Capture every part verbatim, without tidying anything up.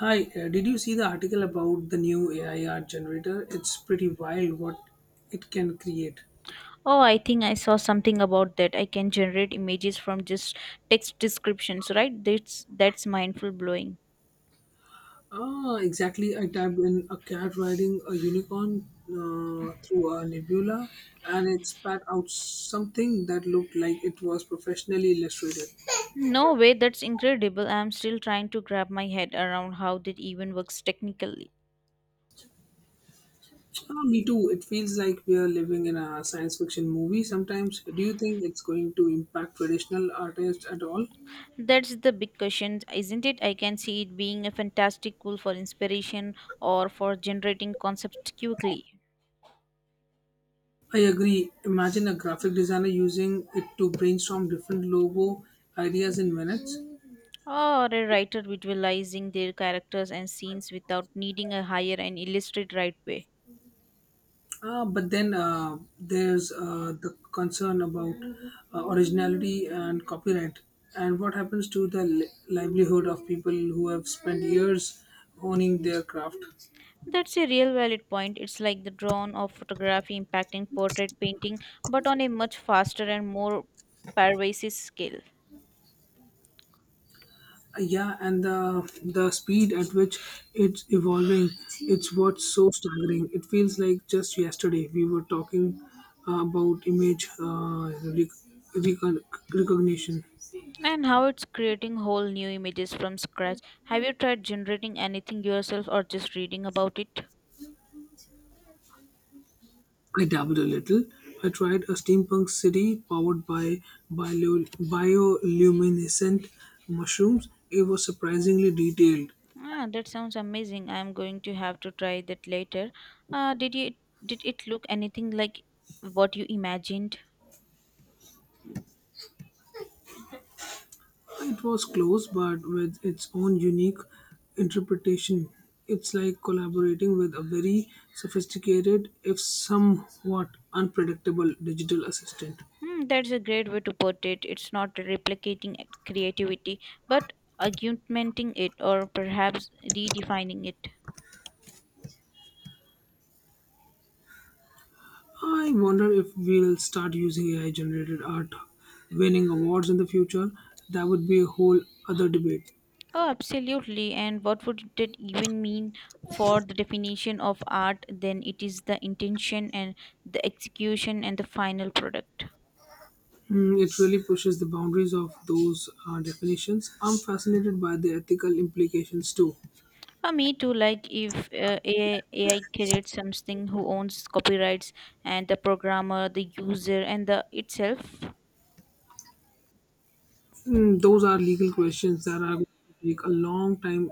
Hi, uh, did you see the article about the new A I art generator? It's pretty wild what it can create. Oh, I think I saw something about that. I can generate images from just text descriptions, right? That's that's mindful blowing. Ah, exactly. I typed in a cat riding a unicorn uh, through a nebula and it spat out something that looked like it was professionally illustrated. No way, that's incredible. I'm still trying to grab my head around how that even works technically. Ah, me too. It feels like we are living in a science fiction movie sometimes. Do you think it's going to impact traditional artists at all? That's the big question, isn't it? I can see it being a fantastic tool for inspiration or for generating concepts quickly. I agree. Imagine a graphic designer using it to brainstorm different logo ideas in minutes. Or a writer visualizing their characters and scenes without needing a higher and illustrated right way. Uh, but then uh, there's uh, the concern about uh, originality and copyright. And what happens to the li- livelihood of people who have spent years honing their craft? That's a real valid point. It's like the drone of photography impacting portrait painting, but on a much faster and more pervasive scale. Yeah, and the the speed at which it's evolving, it's what's so staggering. It feels like just yesterday we were talking uh, about image uh, rec- recon- recognition. And how it's creating whole new images from scratch. Have you tried generating anything yourself or just reading about it? I dabbled a little. I tried a steampunk city powered by bio- bioluminescent mushrooms. It was surprisingly detailed. Ah, that sounds amazing. I'm going to have to try that later. Uh, did you did it look anything like what you imagined? It was close, but with its own unique interpretation. It's like collaborating with a very sophisticated, if somewhat unpredictable, digital assistant. Hmm, that's a great way to put it. It's not replicating creativity, but augmenting it or perhaps redefining it. I wonder if we'll start using A I generated art winning awards in the future. That would be a whole other debate. Oh, absolutely. And what would that even mean for the definition of art? Then it is the intention and the execution and the final product. Hmm, it really pushes the boundaries of those uh, definitions. I'm fascinated by the ethical implications too. Uh, me too. Like if uh, A I, A I creates something, who owns copyrights and the programmer, the user, and the itself. Mm, those are legal questions that are going to take a long time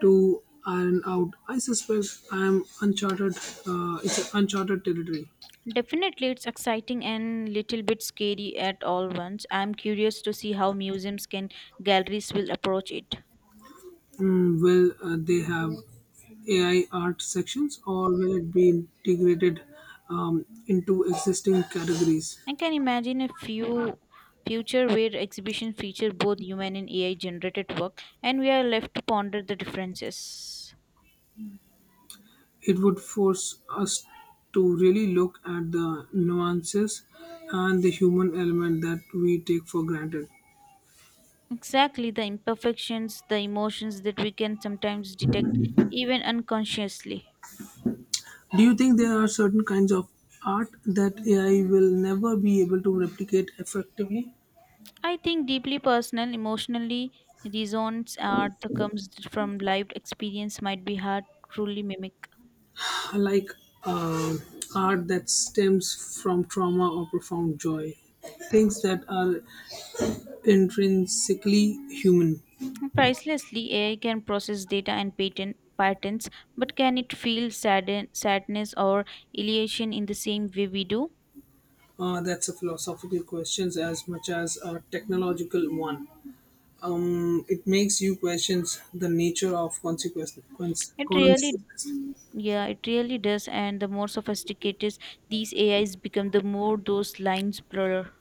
to iron out. I suspect I am uncharted. Uh, it's uncharted territory. Definitely, it's exciting and little bit scary at all once. I'm curious to see how museums can galleries will approach it. Mm, will uh, they have A I art sections, or will it be integrated um, into existing categories? I can imagine a few future where exhibition feature both human and A I generated work, and we are left to ponder the differences. It would force us to really look at the nuances and the human element that we take for granted. Exactly, the imperfections, the emotions that we can sometimes detect even unconsciously. Do you think there are certain kinds of art that A I will never be able to replicate effectively? I think deeply personal, emotionally resonance art that comes from lived experience might be hard to truly mimic. Like, uh, art that stems from trauma or profound joy, things that are intrinsically human. Pricelessly, A I can process data and patent patents, but can it feel sadden, sadness or elation in the same way we do? Uh, that's a philosophical question as much as a technological one. Mm, it makes you question the nature of consequence, It really, consequences. yeah, it really does. And the more sophisticated these A Is become, the more those lines blur.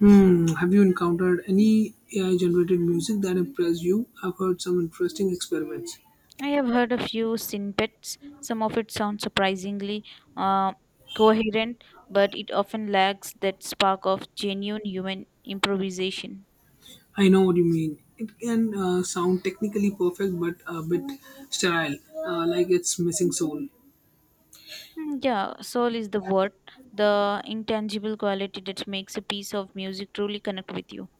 Hmm. Have you encountered any A I generated music that impressed you? I've heard some interesting experiments. I have heard a few snippets. Some of it sounds surprisingly uh, coherent, but it often lacks that spark of genuine human improvisation. I know what you mean. It can uh, sound technically perfect but a bit sterile, uh, like it's missing soul. Mm, yeah, soul is the word, the intangible quality that makes a piece of music truly connect with you.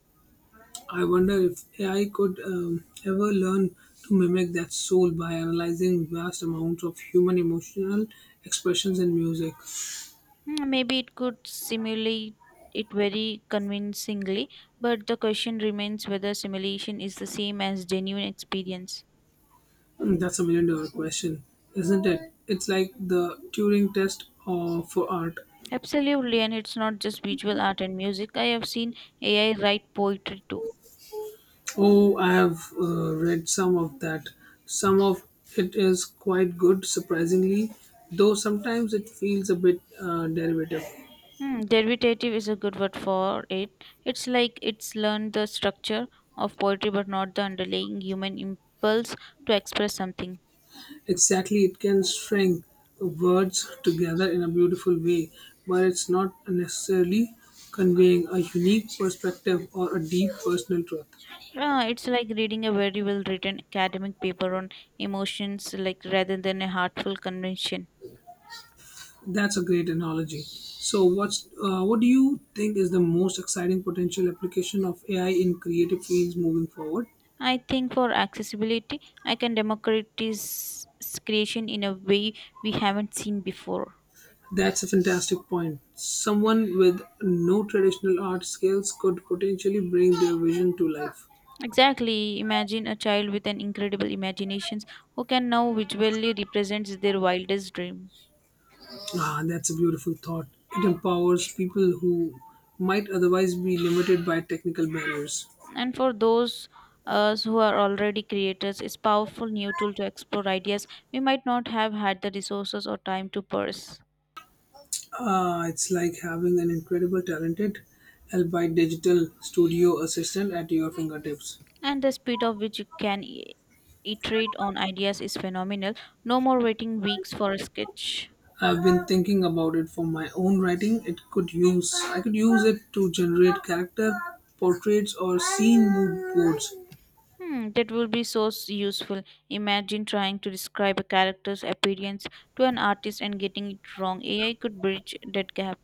I wonder if A I could um, ever learn to mimic that soul by analyzing vast amounts of human emotional expressions in music. Mm, maybe it could simulate it very convincingly, but the question remains whether simulation is the same as genuine experience. Hmm, that's a million dollar question, isn't it? It's like the Turing test uh, for art. Absolutely, and it's not just visual art and music. I have seen A I write poetry too. Oh, I have uh, read some of that. Some of it is quite good, surprisingly, though sometimes it feels a bit uh, derivative. Hmm, derivative is a good word for it. It's like it's learned the structure of poetry but not the underlying human impulse to express something. Exactly, it can string words together in a beautiful way, but it's not necessarily conveying a unique perspective or a deep personal truth. Ah, it's like reading a very well written academic paper on emotions, like rather than a heartful convention. That's a great analogy. So, what's uh, what do you think is the most exciting potential application of A I in creative fields moving forward? I think for accessibility, I can democratize creation in a way we haven't seen before. That's a fantastic point. Someone with no traditional art skills could potentially bring their vision to life. Exactly. Imagine a child with an incredible imagination who can now visually represent their wildest dream. Ah, that's a beautiful thought. It empowers people who might otherwise be limited by technical barriers. And for those us who are already creators, it's powerful new tool to explore ideas we might not have had the resources or time to pursue. Ah, it's like having an incredible talented, albeit digital studio assistant at your fingertips. And the speed of which you can i- iterate on ideas is phenomenal. No more waiting weeks for a sketch. I've been thinking about it for my own writing. It could use I could use it to generate character portraits or scene mood boards. Hmm, that will be so s- useful. Imagine trying to describe a character's appearance to an artist and getting it wrong. A I could bridge that gap.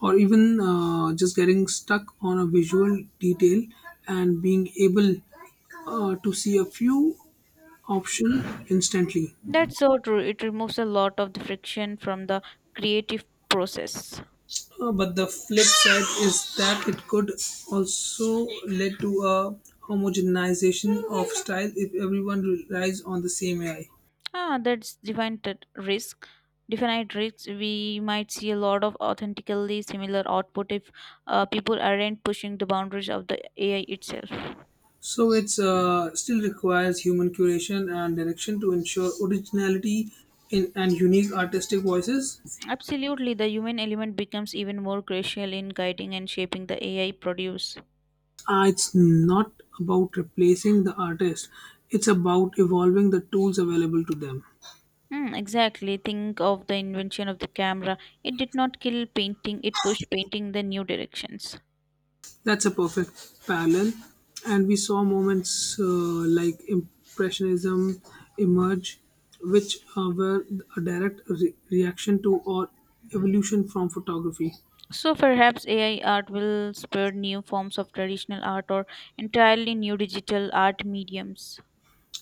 Or even uh, just getting stuck on a visual detail and being able uh, to see a few options instantly. That's so true. It removes a lot of the friction from the creative process. Uh, but the flip side is that it could also lead to a homogenization of style if everyone relies on the same ai. Ah, that's defined risk. Definite risks we might see a lot of authentically similar output if uh, people aren't pushing the boundaries of the ai itself. So it's uh, still requires human curation and direction to ensure originality in and unique artistic voices. Absolutely, the human element becomes even more crucial in guiding and shaping the ai produce. Uh, it's not about replacing the artist, it's about evolving the tools available to them. Hmm, exactly, think of the invention of the camera. It did not kill painting, it pushed painting the new directions. That's a perfect parallel. And we saw moments uh, like Impressionism emerge, which uh, were a direct re- reaction to or evolution from photography. So perhaps ai art will spur new forms of traditional art or entirely new digital art mediums.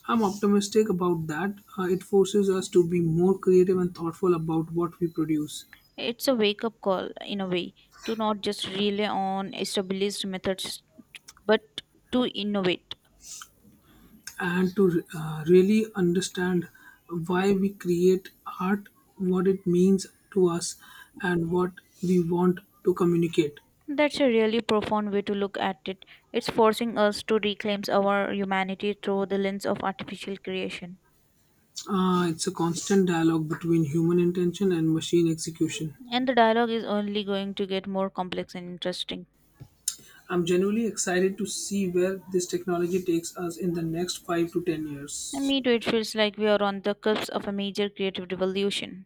I'm optimistic about that. Uh, it forces us to be more creative and thoughtful about what we produce. It's a wake up call in a way to not just rely on established methods but to innovate. And to uh, really understand why we create art, what it means to us, and what we want to communicate. That's a really profound way to look at it. It's forcing us to reclaim our humanity through the lens of artificial creation. Uh, it's a constant dialogue between human intention and machine execution. And the dialogue is only going to get more complex and interesting. I'm genuinely excited to see where this technology takes us in the next five to ten And years. me too, it feels like we are on the cusp of a major creative revolution.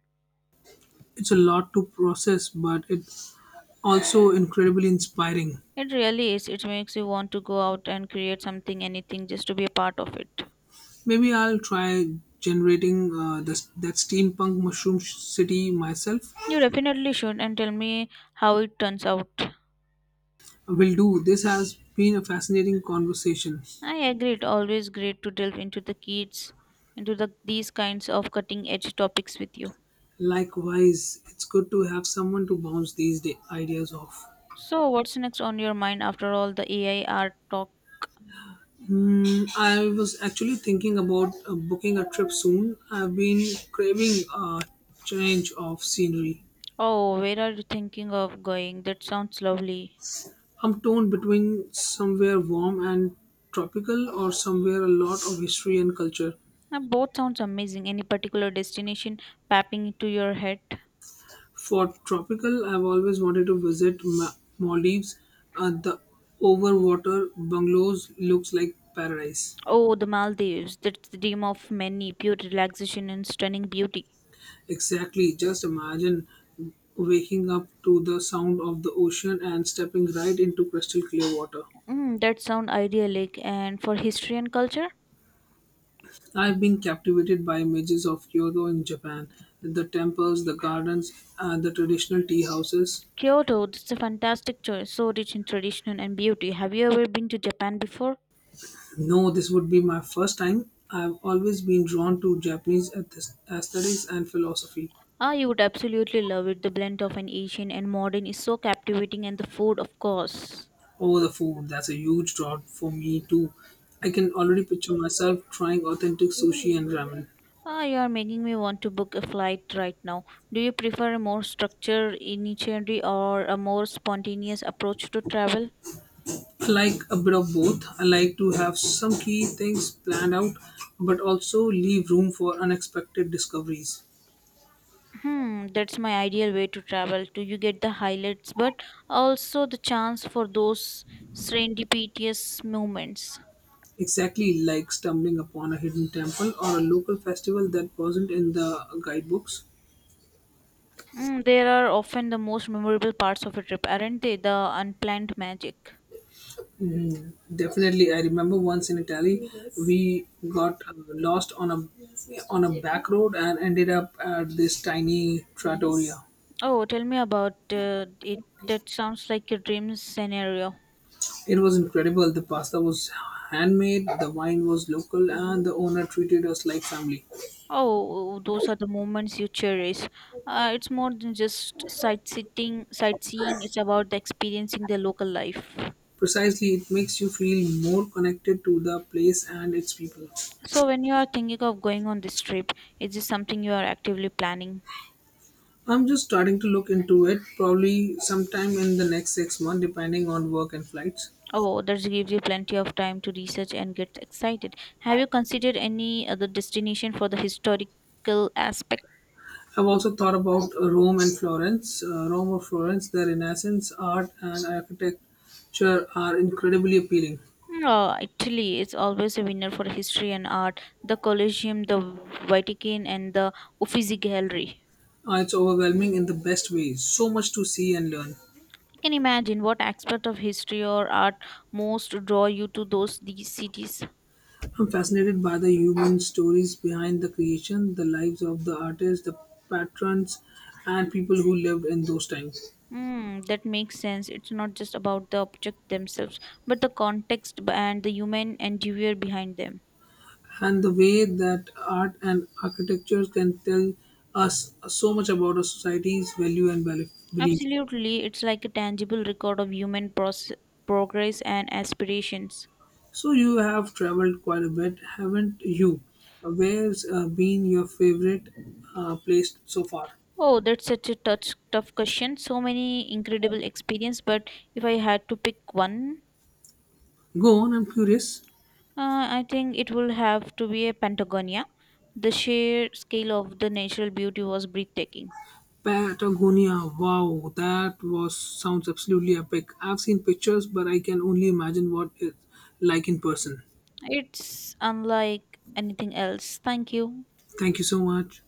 It's a lot to process, but it's also incredibly inspiring. It really is. It makes you want to go out and create something, anything, just to be a part of it. Maybe I'll try generating uh, this, that steampunk mushroom sh- city myself. You definitely should, and tell me how it turns out. Will do. This has been a fascinating conversation. I agree. It's always great to delve into the kids, into the these kinds of cutting edge topics with you. Likewise, it's good to have someone to bounce these da- ideas off. So, what's next on your mind after all the A I art talk? Hmm, I was actually thinking about uh, booking a trip soon. I've been craving a change of scenery. Oh, where are you thinking of going? That sounds lovely. I'm torn between somewhere warm and tropical or somewhere a lot of history and culture. Now, both sounds amazing. Any particular destination popping into your head? For tropical, I've always wanted to visit Ma- Maldives. Uh, the overwater bungalows looks like paradise. Oh, the Maldives. That's the dream of many. Pure relaxation and stunning beauty. Exactly. Just imagine waking up to the sound of the ocean and stepping right into crystal clear water. Mm, that sound idyllic. And for history and culture, I've been captivated by images of Kyoto in Japan, the temples, the gardens, and the traditional tea houses. Kyoto, that's a fantastic choice, so rich in tradition and beauty. Have you ever been to Japan before? No, this would be my first time. I've always been drawn to Japanese ath- aesthetics and philosophy. Ah, you would absolutely love it. The blend of an Asian and modern is so captivating, and the food, of course. Oh, the food, that's a huge draw for me too. I can already picture myself trying authentic sushi and ramen. Ah, you are making me want to book a flight right now. Do you prefer a more structured itinerary or a more spontaneous approach to travel? Like a bit of both. I like to have some key things planned out, but also leave room for unexpected discoveries. Hmm, that's my ideal way to travel. Do you get the highlights, but also the chance for those serendipitous moments? Exactly, like stumbling upon a hidden temple or a local festival that wasn't in the guidebooks. Mm, they are often the most memorable parts of a trip, aren't they? The unplanned magic. Definitely, I remember once in Italy, we got uh, lost on a on a back road and ended up at this tiny trattoria. Oh, tell me about uh, it. That sounds like a dream scenario. It was incredible. The pasta was handmade, the wine was local, and the owner treated us like family. Oh, those are the moments you cherish. Uh, it's more than just sightseeing. Sightseeing. It's about the experiencing the local life. Precisely, it makes you feel more connected to the place and its people. So, when you are thinking of going on this trip, is this something you are actively planning? I'm just starting to look into it, probably sometime in the next six months, depending on work and flights. Oh, that gives you plenty of time to research and get excited. Have you considered any other destination for the historical aspect? I've also thought about uh, Rome and Florence. Uh, Rome or Florence, the Renaissance art and architecture are incredibly appealing. No, Italy is always a winner for history and art. The Colosseum, the Vatican, and the Uffizi Gallery. Uh, it's overwhelming in the best way. So much to see and learn. You can imagine what aspect of history or art most draw you to those these cities. I'm fascinated by the human stories behind the creation, the lives of the artists, the patrons, and people who lived in those times. Hmm, that makes sense. It's not just about the object themselves, but the context b- and the human endeavor behind them. And the way that art and architecture can tell us so much about a society's value and bel- beliefs. Absolutely, it's like a tangible record of human process, progress and aspirations. So you have traveled quite a bit, haven't you? Where's uh, been your favorite uh, place so far? Oh, that's such a touch, tough question. So many incredible experience, but if I had to pick one, Go on, I'm curious. uh, I think it will have to be a Patagonia. The sheer scale of the natural beauty was breathtaking. Patagonia, wow, that was sounds absolutely epic. I've seen pictures, but I can only imagine what it's like in person. It's unlike anything else. Thank you. Thank you so much.